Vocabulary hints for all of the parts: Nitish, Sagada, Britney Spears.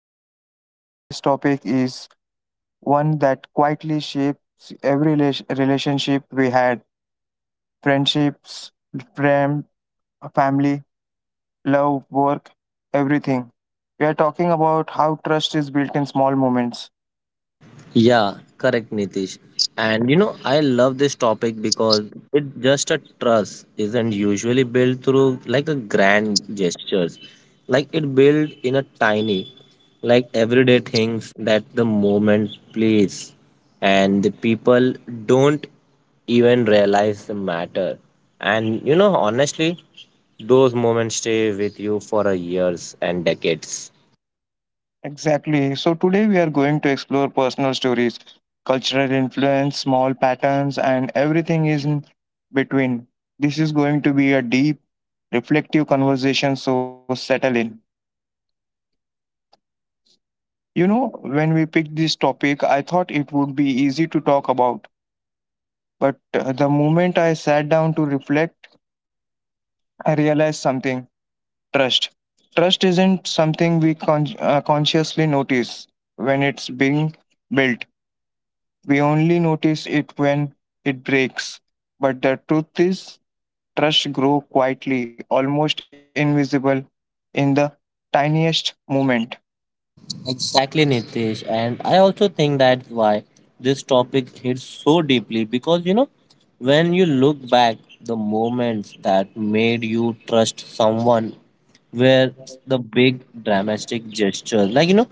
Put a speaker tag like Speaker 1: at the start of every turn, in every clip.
Speaker 1: of our podcast. Today's topic is one that quietly shapes every relationship we had: friendships, fam- family, love, work, everything. We are talking about how trust is built in small moments.
Speaker 2: Yeah, correct, Nitish. And I love this topic because it just a trust isn't usually built through like a grand gestures. Like it built in a tiny, like everyday things that the moment plays and the people don't even realize the matter. And honestly, those moments stay with you for a years and decades.
Speaker 1: Exactly. So, today we are going to explore personal stories, cultural influence, small patterns, and everything is in between. This is going to be a deep, reflective conversation, so settle in. You know, when we picked this topic, I thought it would be easy to talk about. But the moment I sat down to reflect, I realized something. Trust. Trust isn't something we consciously notice when it's being built. We only notice it when it breaks. But the truth is, trust grows quietly, almost invisible, in the tiniest moment.
Speaker 2: Exactly, Nitish. And I also think that's why this topic hits so deeply because when you look back, the moments that made you trust someone were the big dramatic gestures. Like,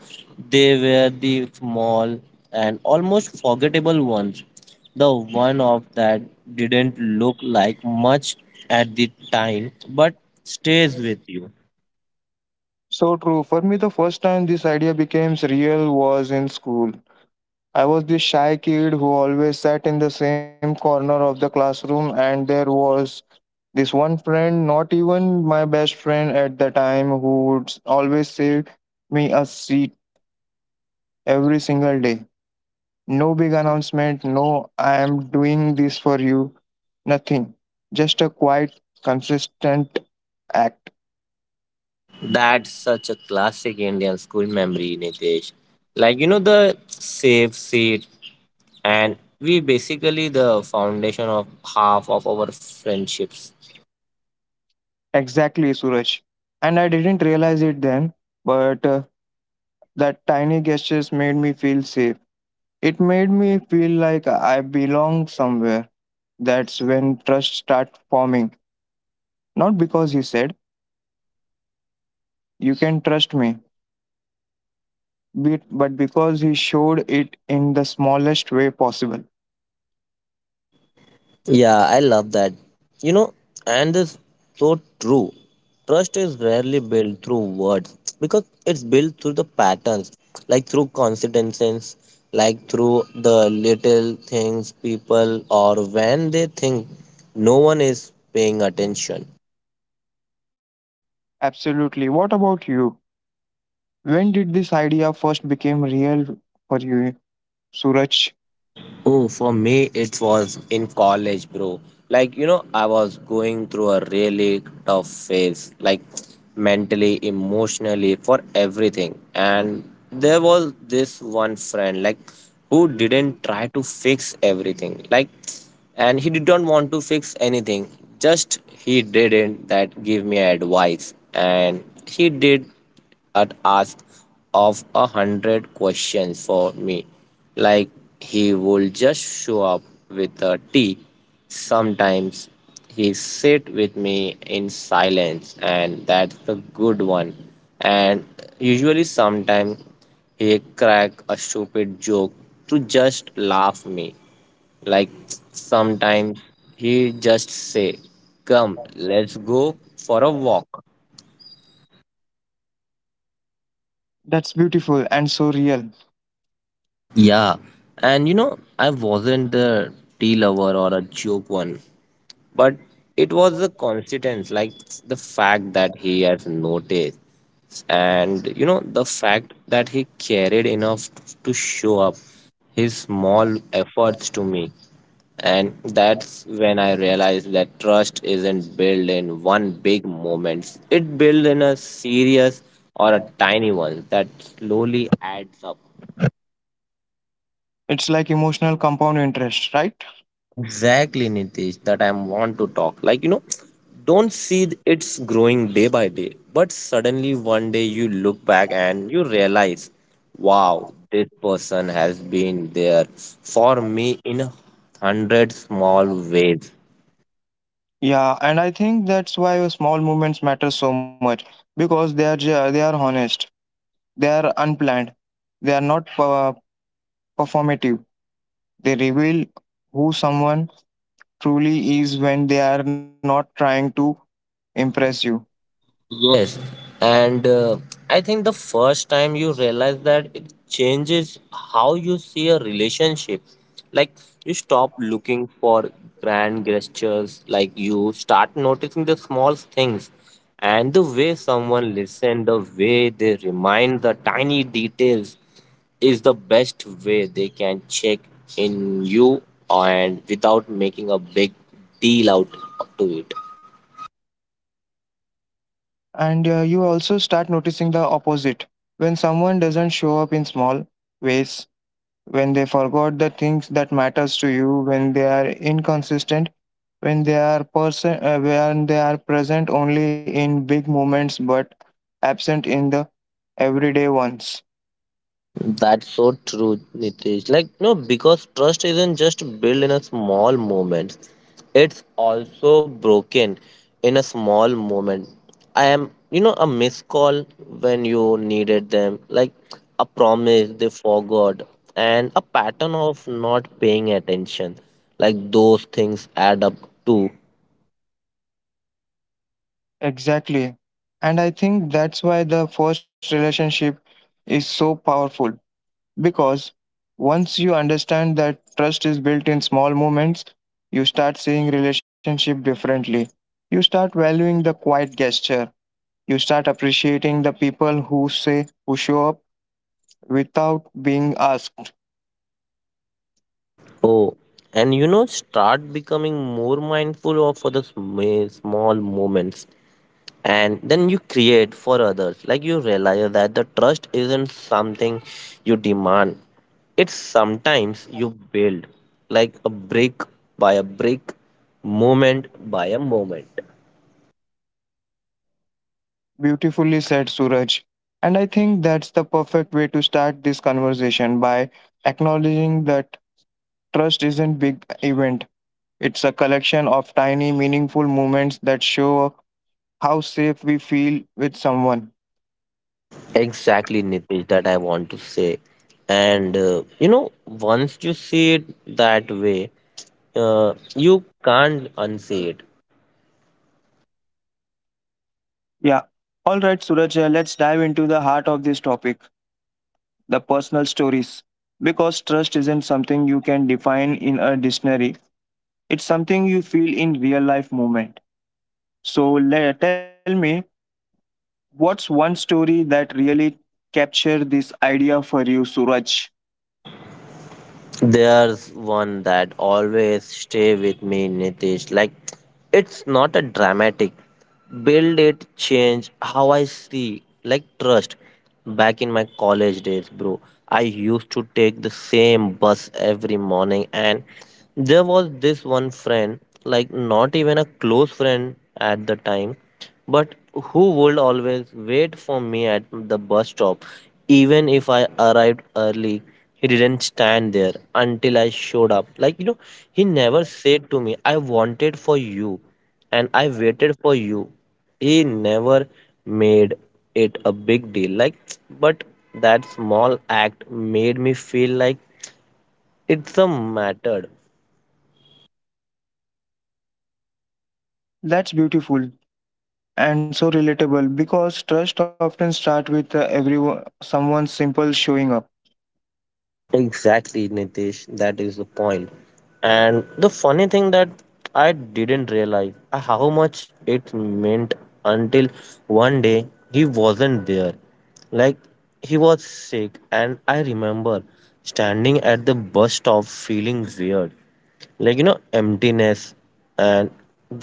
Speaker 2: they were the small and almost forgettable ones. The one of that didn't look like much at the time but stays with you.
Speaker 1: So true. For me, the first time this idea became real was in school. I was this shy kid who always sat in the same corner of the classroom, and there was this one friend, not even my best friend at the time, who would always save me a seat every single day. No big announcement, no "I am doing this for you," nothing. Just a quiet, consistent act.
Speaker 2: That's such a classic Indian school memory, Nitesh. Like, the safe seat, and we basically the foundation of half of our friendships.
Speaker 1: Exactly, Suraj. And I didn't realize it then, but that tiny gestures made me feel safe. It made me feel like I belong somewhere. That's when trust started forming. Not because he said, "You can trust me," but because he showed it in the smallest way possible.
Speaker 2: Yeah, I love that. You know, and this so true. Trust is rarely built through words because it's built through the patterns, like through coincidences, like through the little things people or when they think no one is paying attention.
Speaker 1: Absolutely. What about you? When did this idea first became real for you, Suraj?
Speaker 2: Oh, for me, it was in college, bro. Like, I was going through a really tough phase, like mentally, emotionally, for everything. And there was this one friend, like, who didn't try to fix everything. Like, and he didn't want to fix anything. Just he didn't that give me advice. And he did had ask of a hundred questions for me, like he would just show up with a tea. Sometimes he sit with me in silence, and that's the good one. And usually, sometimes he crack a stupid joke to just laugh me. Like sometimes he just say, "Come, let's go for a walk."
Speaker 1: That's beautiful and so real.
Speaker 2: Yeah, and I wasn't a tea lover or a joke one, but it was a coincidence, like the fact that he has noticed, and the fact that he cared enough to show up his small efforts to me. And that's when I realized that trust isn't built in one big moment. It built in a serious or a tiny one that slowly adds up.
Speaker 1: It's like emotional compound interest, right?
Speaker 2: Exactly, Nitish, that I want to talk. Like, don't see it's growing day by day, but suddenly one day you look back and you realize, wow, this person has been there for me in hundred small ways.
Speaker 1: Yeah, and I think that's why small movements matter so much because they are honest, they are unplanned, they are not per- performative. They reveal who someone truly is when they are not trying to impress you.
Speaker 2: Yes, and I think the first time you realize that it changes how you see a relationship. Like you stop looking for grand gestures, like you start noticing the small things and the way someone listens, the way they remind the tiny details is the best way they can check in you and without making a big deal out to it.
Speaker 1: And you also start noticing the opposite, when someone doesn't show up in small ways, when they forgot the things that matters to you, when they are inconsistent, when they are person when they are present only in big moments but absent in the everyday ones.
Speaker 2: That's so true, Nitish. Like, no, because trust isn't just built in a small moment, it's also broken in a small moment. I am, a missed call when you needed them, like a promise they forgot, and a pattern of not paying attention. Like, those things add up to,
Speaker 1: Exactly, and I think that's why the first relationship is so powerful, because once you understand that trust is built in small moments, you start seeing relationship differently. You start valuing the quiet gesture. You start appreciating the people who show up without being asked.
Speaker 2: oh, and start becoming more mindful of for the small moments, and then you create for others like you realize that the trust isn't something you demand. It's sometimes you build like a brick by a brick, moment by a moment.
Speaker 1: Beautifully said, Suraj. And I think that's the perfect way to start this conversation, by acknowledging that trust isn't big event. It's a collection of tiny, meaningful moments that show how safe we feel with someone.
Speaker 2: Exactly, Nitish, that I want to say. And once you see it that way, you can't unsee it.
Speaker 1: Yeah. All right, Suraj, let's dive into the heart of this topic, the personal stories. Because trust isn't something you can define in a dictionary, it's something you feel in real life moment. So, tell me, what's one story that really captured this idea for you, Suraj?
Speaker 2: There's one that always stay with me, Nitish. Like, it's not a dramatic. Build it, change how I see. Like, trust. Back in my college days, bro, I used to take the same bus every morning, and there was this one friend, like, not even a close friend at the time, but who would always wait for me at the bus stop. Even if I arrived early, he didn't stand there until I showed up. Like, he never said to me, I wanted for you and I waited for you. He never made it a big deal. Like, but that small act made me feel like it's a mattered.
Speaker 1: That's beautiful and so relatable because trust often starts with someone simple showing up.
Speaker 2: Exactly, Nitish. That is the point. And the funny thing that I didn't realize how much it meant until one day he wasn't there. Like he was sick, and I remember standing at the bus stop feeling weird, like emptiness. And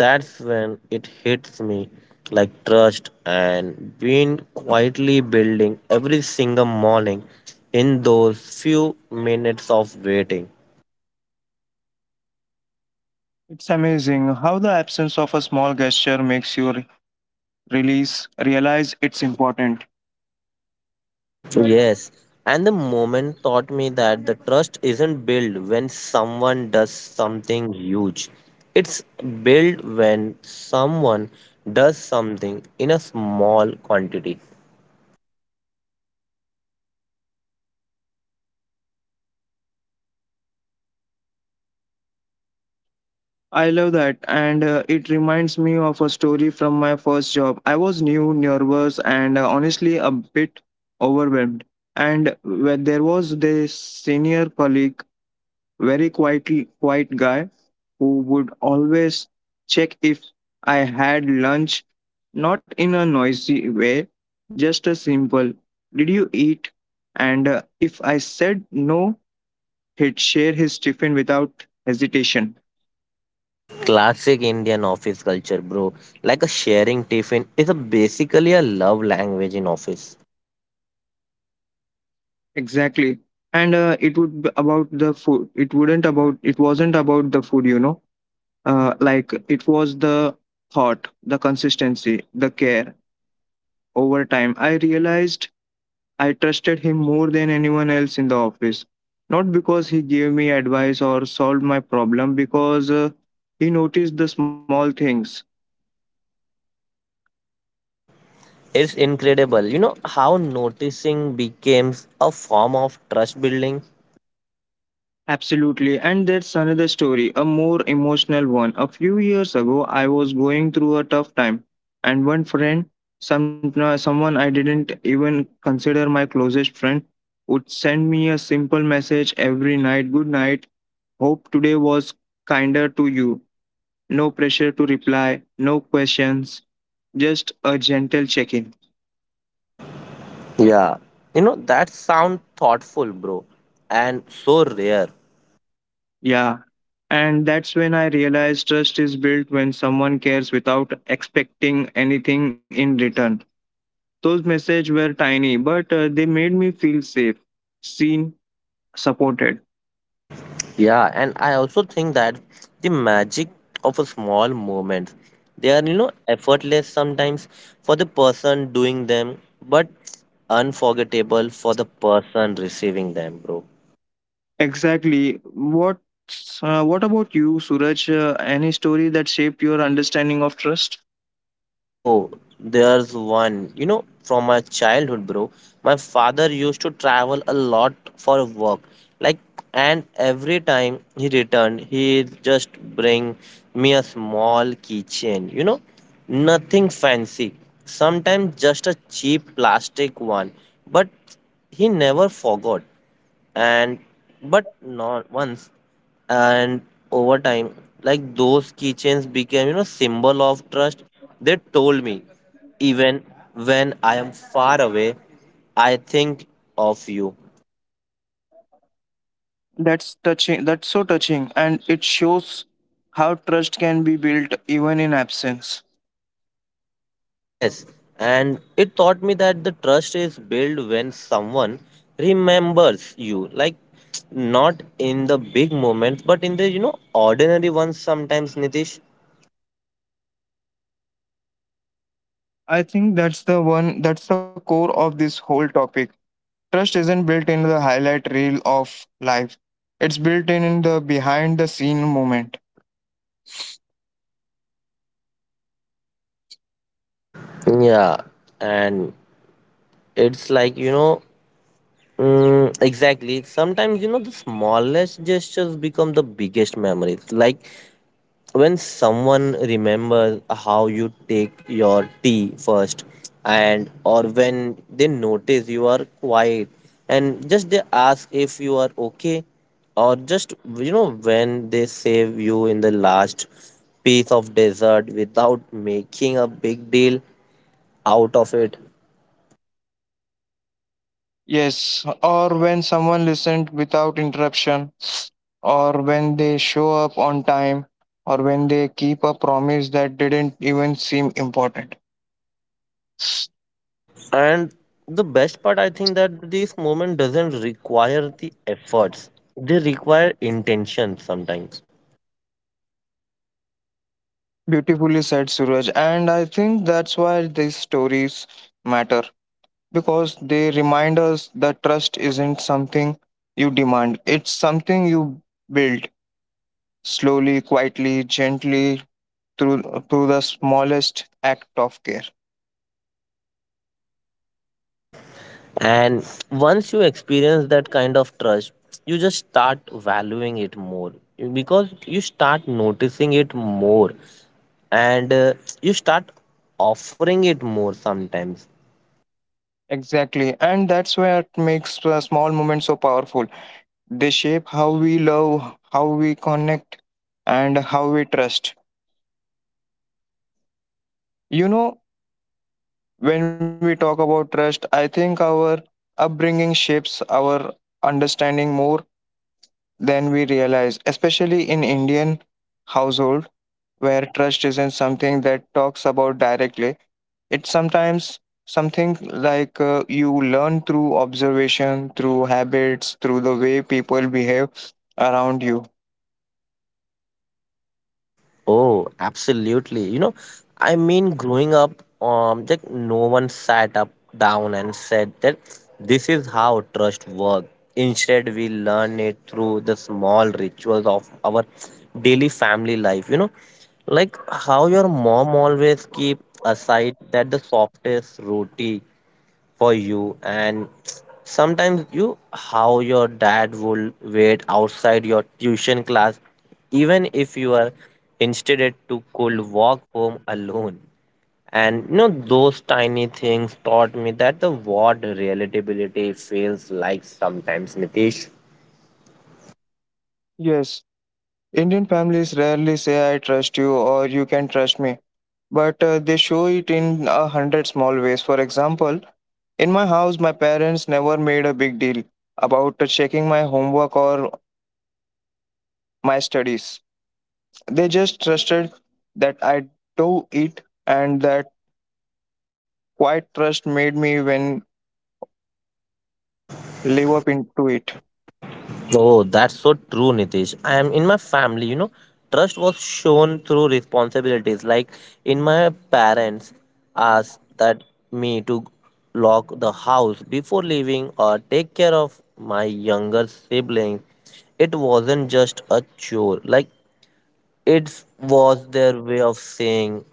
Speaker 2: that's when it hits me, like trust and been quietly building every single morning in those few minutes of waiting.
Speaker 1: It's amazing how the absence of a small gesture makes you release realize it's important.
Speaker 2: Yes, and the moment taught me that the trust isn't built when someone does something huge. It's built when someone does something in a small quantity.
Speaker 1: I love that, and it reminds me of a story from my first job. I was new, nervous, and honestly a bit overwhelmed. And when there was this senior colleague, very quietly quiet guy, who would always check if I had lunch, not in a noisy way, just a simple, did you eat? And if I said no, he'd share his tiffin without hesitation.
Speaker 2: Classic Indian office culture, bro. Like a sharing tiffin is a basically a love language in office.
Speaker 1: Exactly. And it would be about the food. It wasn't about the food, you know. Like it was the thought, the consistency, the care. Over time, I realized I trusted him more than anyone else in the office. Not because he gave me advice or solved my problem, because he noticed the small things.
Speaker 2: It's incredible. You know how noticing becomes a form of trust building?
Speaker 1: Absolutely. And that's another story, a more emotional one. A few years ago, I was going through a tough time, and one friend, someone I didn't even consider my closest friend, would send me a simple message every night. Good night. Hope today was kinder to you. No pressure to reply, no questions, just a gentle check in.
Speaker 2: Yeah. That sound thoughtful, bro, and so rare.
Speaker 1: Yeah. And that's when I realized trust is built when someone cares without expecting anything in return. Those messages were tiny, but they made me feel safe, seen, supported.
Speaker 2: Yeah, and I also think that the magic of a small moments, they are, effortless sometimes for the person doing them, but unforgettable for the person receiving them, bro.
Speaker 1: Exactly. What about you, Suraj? Any story that shaped your understanding of trust?
Speaker 2: Oh, there's one. From my childhood, bro, my father used to travel a lot for work. Like, and every time he returned, he just bring me a small keychain. Nothing fancy. Sometimes just a cheap plastic one. But he never forgot, and but not once. And over time, like, those keychains became, symbol of trust. They told me, even when I am far away, I think of you.
Speaker 1: That's touching. That's so touching, and it shows how trust can be built even in absence.
Speaker 2: Yes, and it taught me that the trust is built when someone remembers you, like not in the big moments but in the, ordinary ones, sometimes, Nitish.
Speaker 1: I think that's the one. That's the core of this whole topic. Trust isn't built in the highlight reel of life. It's in the behind the scene moment.
Speaker 2: Yeah, and it's like, Mm, exactly. Sometimes, the smallest gestures become the biggest memories. Like when someone remembers how you take your tea first, and or when they notice you are quiet, and just they ask if you are okay, or just, when they save you in the last piece of dessert without making a big deal out of it.
Speaker 1: Yes, or when someone listened without interruption, or when they show up on time, or when they keep a promise that didn't even seem important.
Speaker 2: And the best part, I think that this moment doesn't require the efforts. They require intention sometimes.
Speaker 1: Beautifully said, Suraj. And I think that's why these stories matter, because they remind us that trust isn't something you demand, it's something you build slowly, quietly, gently through, through the smallest act of care.
Speaker 2: And once you experience that kind of trust, you just start valuing it more because you start noticing it more, and you start offering it more sometimes.
Speaker 1: Exactly. And that's where it makes the small moments so powerful. They shape how we love, how we connect, and how we trust. You know, when we talk about trust, I think our upbringing shapes our understanding more than we realize, especially in Indian household where trust isn't something that talks about directly. It's sometimes something like, you learn through observation, through habits, through the way people behave around you.
Speaker 2: Oh, absolutely. I mean, growing up, like no one sat up down and said that this is how trust works. Instead, we learn it through the small rituals of our daily family life. Like how your mom always keep aside that the softest roti for you, and sometimes you how your dad will wait outside your tuition class even if you are instead to could walk home alone. And those tiny things taught me that the word relatability feels like, sometimes, Nitish.
Speaker 1: Yes, Indian families rarely say I trust you or you can trust me, but they show it in a hundred small ways. For example, in my house, my parents never made a big deal about checking my homework or my studies. They just trusted that I do it, and that quiet trust made me when live up into it.
Speaker 2: Oh, that's so true, Nitish. I am in my family, trust was shown through responsibilities. Like in my parents asked that me to lock the house before leaving or take care of my younger siblings. It wasn't just a chore. Like it was their way of saying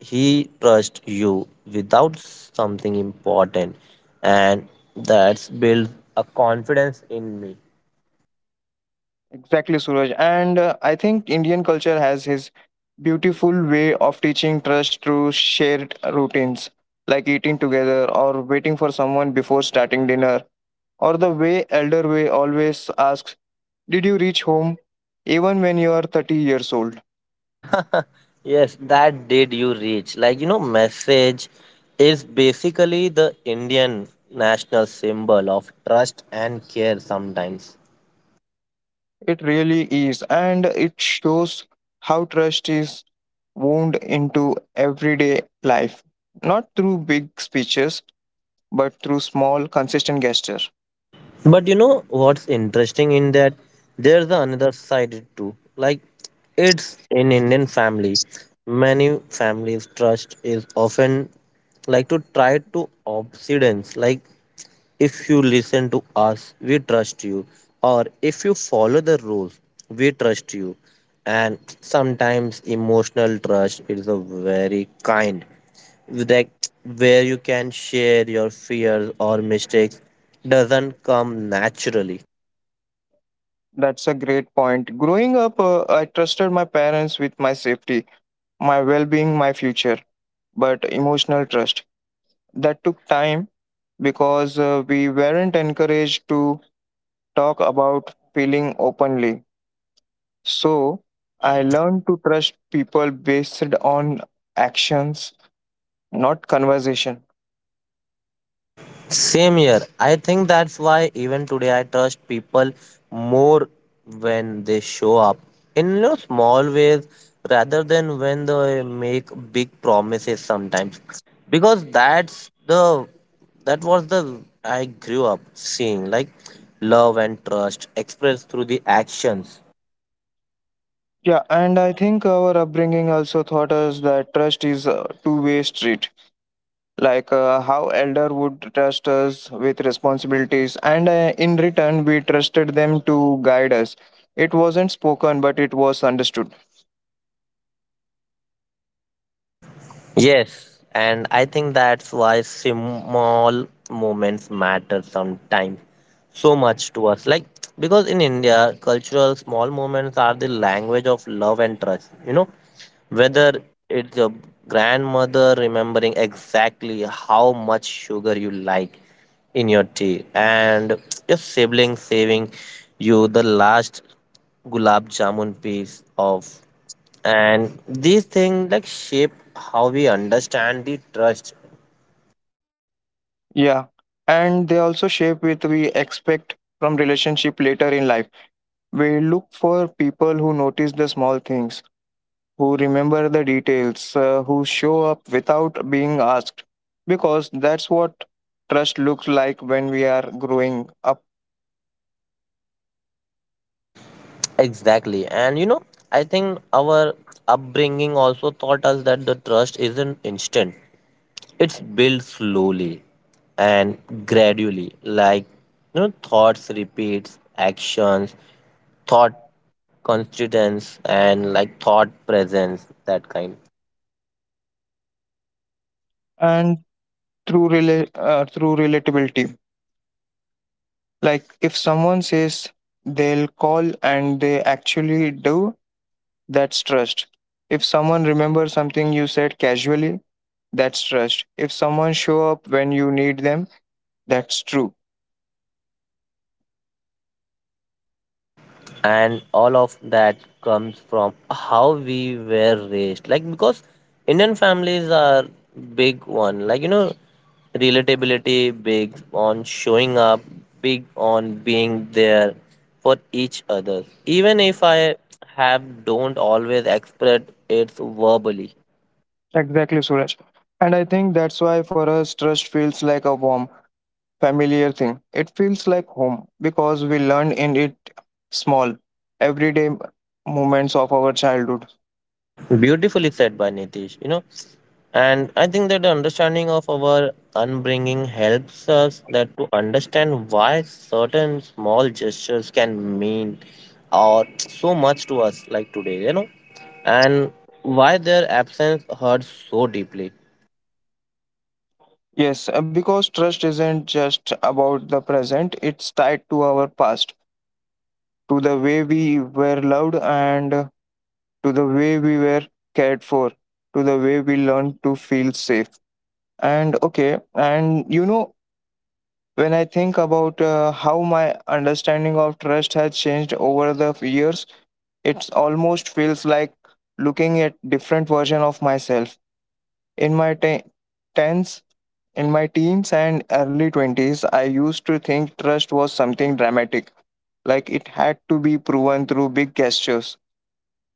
Speaker 2: he trusts you without something important. And that's built a confidence in me.
Speaker 1: Exactly, Suraj. And I think Indian culture has his beautiful way of teaching trust through shared routines, like eating together or waiting for someone before starting dinner, or the way elder way always asks did you reach home even when you are 30 years old?
Speaker 2: Yes, that did you reach. Like, message is basically the Indian national symbol of trust and care sometimes.
Speaker 1: It really is, and it shows how trust is wound into everyday life, not through big speeches, but through small, consistent gestures.
Speaker 2: But you know what's interesting in that? There's the another side too. Like, it's in Indian family. Many families' trust is often like to try to obsedience. Like, if you listen to us, we trust you. Or if you follow the rules, we trust you. And sometimes emotional trust is a very kind, like where you can share your fears or mistakes doesn't come naturally.
Speaker 1: That's a great point. Growing up, I trusted my parents with my safety, my well being, my future, but emotional trust. That took time because we weren't encouraged to talk about feeling openly. So I learned to trust people based on actions, not conversation.
Speaker 2: Same here. I think that's why even today I trust people more when they show up in, small ways rather than when they make big promises sometimes. Because that was the I grew up seeing, like love and trust expressed through the actions.
Speaker 1: Yeah, and I think our upbringing also taught us that trust is a two-way street. Like how elder would trust us with responsibilities, and in return, we trusted them to guide us. It wasn't spoken, but it was understood.
Speaker 2: Yes, and I think that's why small moments matter sometimes so much to us. Like, because in India, cultural small moments are the language of love and trust. Whether it's your grandmother remembering exactly how much sugar you like in your tea, and your sibling saving you the last gulab jamun piece of, and these things like shape how we understand the trust.
Speaker 1: Yeah, and they also shape what we expect from relationship later in life. We look for people who notice the small things, who remember the details, who show up without being asked. Because that's what trust looks like when we are growing up,
Speaker 2: Exactly, and I think our upbringing also taught us that the trust isn't instant. It's built slowly and gradually, like, thoughts repeats actions, thought constituents, and like thought presence, that kind.
Speaker 1: and through, through relatability. Like if someone says they'll call and they actually do, that's trust. If someone remembers something you said casually, that's trust. If someone show up when you need them, that's true.
Speaker 2: And all of that comes from how we were raised, like because Indian families are big one, like, relatability, big on showing up, big on being there for each other, even if I have don't always express it verbally.
Speaker 1: Exactly, Suraj. And I think that's why for us, trust feels like a warm familiar thing. It feels like home because we learn in it small, everyday moments of our childhood.
Speaker 2: Beautifully said by Nitish. And I think that the understanding of our upbringing helps us that to understand why certain small gestures can mean or so much to us like today. And why their absence hurts so deeply.
Speaker 1: Yes, because trust isn't just about the present, it's tied to our past, to the way we were loved and to the way we were cared for, to the way we learned to feel safe. And okay, and you know, when I think about how my understanding of trust has changed over the years, it almost feels like looking at different version of myself. In my tens, teens and early 20s, I used to think trust was something dramatic, like it had to be proven through big gestures,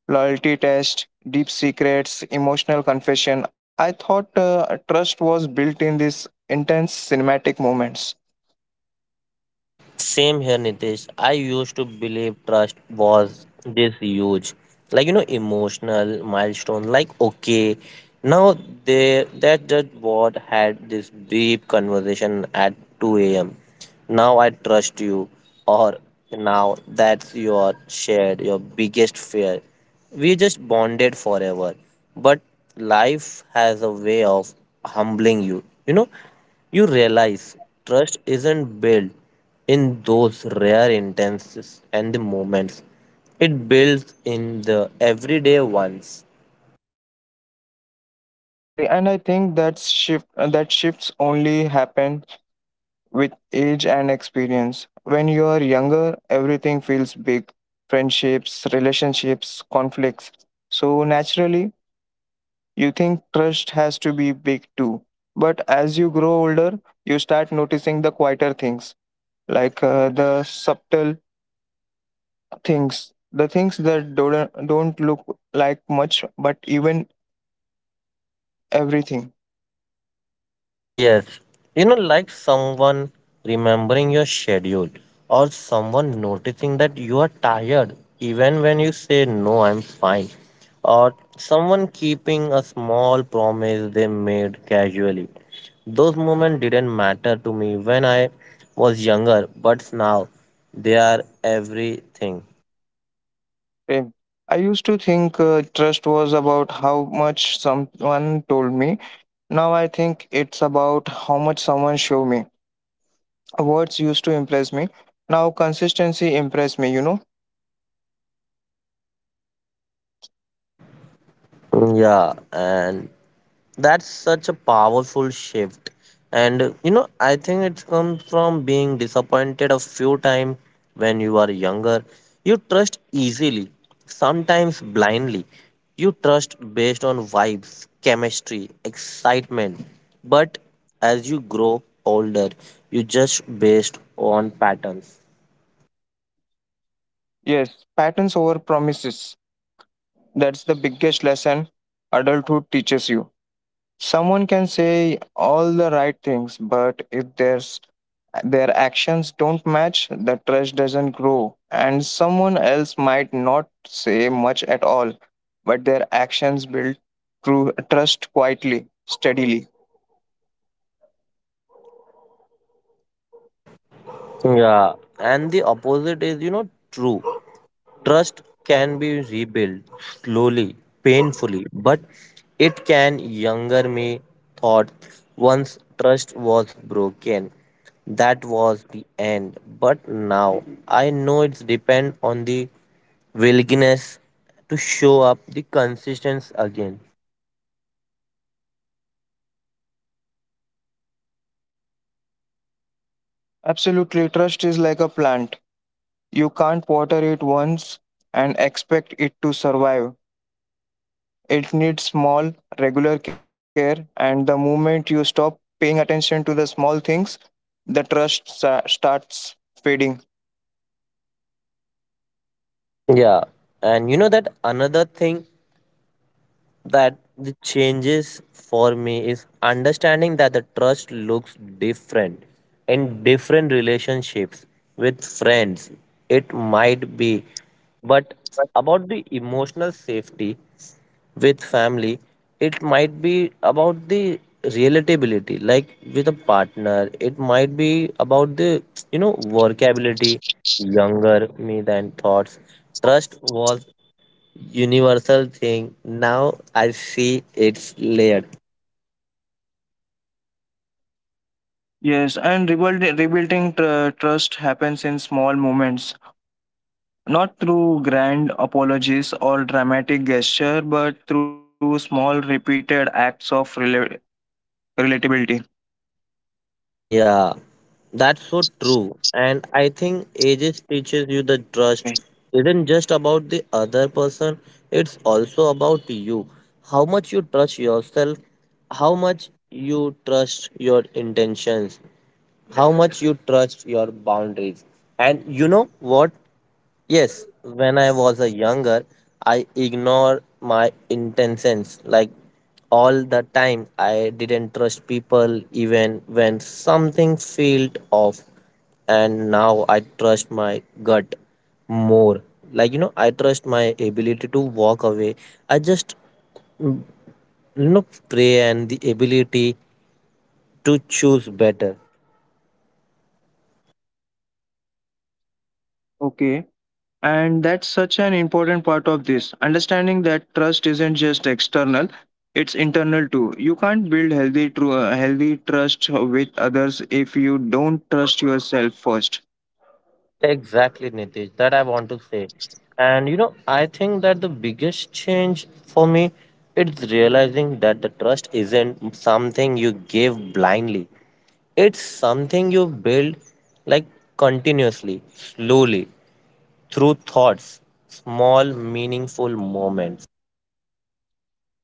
Speaker 1: loyalty tests, deep secrets, emotional confession. I thought trust was built in these intense cinematic moments.
Speaker 2: Same here, Nitish. I used to believe trust was this huge, emotional milestone. Like okay, now they that what had this deep conversation at 2 a.m. Now I trust you, or now that's your shared your biggest fear. We just bonded forever, but life has a way of humbling you. You realize trust isn't built in those rare intenses and the moments it builds in the everyday ones.
Speaker 1: Exactly, and I think that shift that shifts only happen with age and experience. When you are younger, everything feels big: friendships, relationships, conflicts. So naturally, you think trust has to be big too. But as you grow older, you start noticing the quieter things, like the subtle things, the things that don't look like much, but even everything.
Speaker 2: Yes, like someone remembering your schedule, or someone noticing that you are tired even when you say no I'm fine, or someone keeping a small promise they made casually. Those moments didn't matter to me when I was younger, but now they are everything.
Speaker 1: Same. I used to think trust was about how much someone told me. Now I think it's about how much someone showed me. Words used to impress me. Now consistency impress me, you know?
Speaker 2: Yeah, and that's such a powerful shift. And I think it comes from being disappointed a few times when you are younger. You trust easily, sometimes blindly. You trust based on vibes, chemistry, excitement. But as you grow older, you just based on patterns.
Speaker 1: Yes, patterns over promises. That's the biggest lesson adulthood teaches you. Someone can say all the right things, but if there's their actions don't match, the trust doesn't grow. And someone else might not say much at all, but their actions build trust quietly, steadily.
Speaker 2: Yeah, and the opposite is true. Trust can be rebuilt slowly, painfully, but it can. Younger me thought once trust was broken, that was the end. But now I know it's depend on the willingness to show up the consistency again.
Speaker 1: Absolutely, trust is like a plant. You can't water it once and expect it to survive. It needs small, regular care, and the moment you stop paying attention to the small things, the trust starts fading.
Speaker 2: Yeah, and you know that another thing that the changes for me is understanding that the trust looks different in different relationships. With friends it might be but about the emotional safety, with family it might be about the relatability, like with a partner it might be about the workability. Younger me than thoughts trust was universal thing. Now I see it's layered.
Speaker 1: Yes, and rebuilding trust happens in small moments, not through grand apologies or dramatic gesture, but through small, repeated acts of relatability.
Speaker 2: Yeah, that's so true. And I think ages teaches you the trust
Speaker 1: Right.
Speaker 2: isn't just about the other person, it's also about you. How much you trust yourself, how much you trust your intentions, how much you trust your boundaries. And you know what? Yes, when I was a younger, I ignore my intentions like all the time. I didn't trust people even when something felt off, and now I trust my gut more. I trust my ability to walk away. I just pray and the ability to choose better.
Speaker 1: Okay, and that's such an important part of this understanding, that trust isn't just external, it's internal too. You can't build healthy, healthy trust with others if you don't trust yourself first.
Speaker 2: Exactly, Nitish. That I want to say. And I think that the biggest change for me it's realizing that the trust isn't something you give blindly. It's something you build like continuously, slowly, through thoughts, small meaningful moments.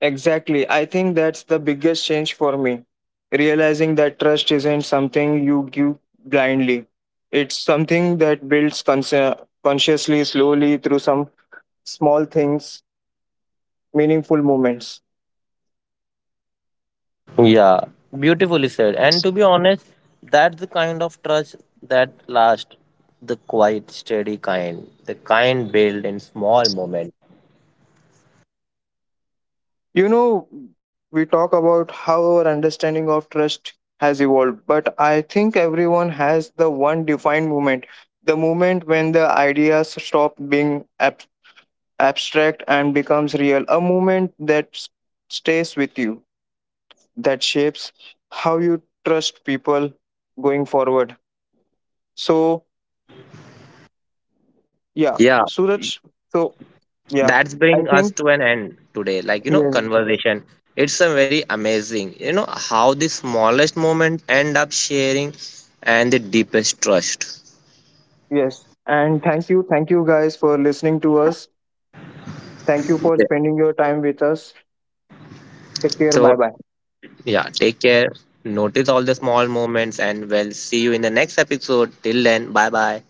Speaker 1: Exactly. I think that's the biggest change for me. Realizing that trust isn't something you give blindly, it's something that builds consciously, slowly through some small things, meaningful moments.
Speaker 2: Yeah, beautifully said. And to be honest, that's the kind of trust that lasts, the quiet, steady kind, the kind built in small moments.
Speaker 1: You know, we talk about how our understanding of trust has evolved, but I think everyone has the one defined moment, the moment when the ideas stop being abstract and becomes real, a moment that stays with you, that shapes how you trust people going forward. So, yeah,
Speaker 2: Yeah,
Speaker 1: Suraj, so yeah,
Speaker 2: that's
Speaker 1: I
Speaker 2: bring us
Speaker 1: think,
Speaker 2: to an end today. Like
Speaker 1: yes,
Speaker 2: conversation. It's a very amazing how the smallest moment end up sharing and the deepest trust.
Speaker 1: yes. And thank you guys for listening to us. Thank you for
Speaker 2: Yeah.
Speaker 1: spending your time with us. Take care.
Speaker 2: So,
Speaker 1: Bye bye.
Speaker 2: yeah, take care. Notice all the small moments and we'll see you in the next episode. Till then, bye bye.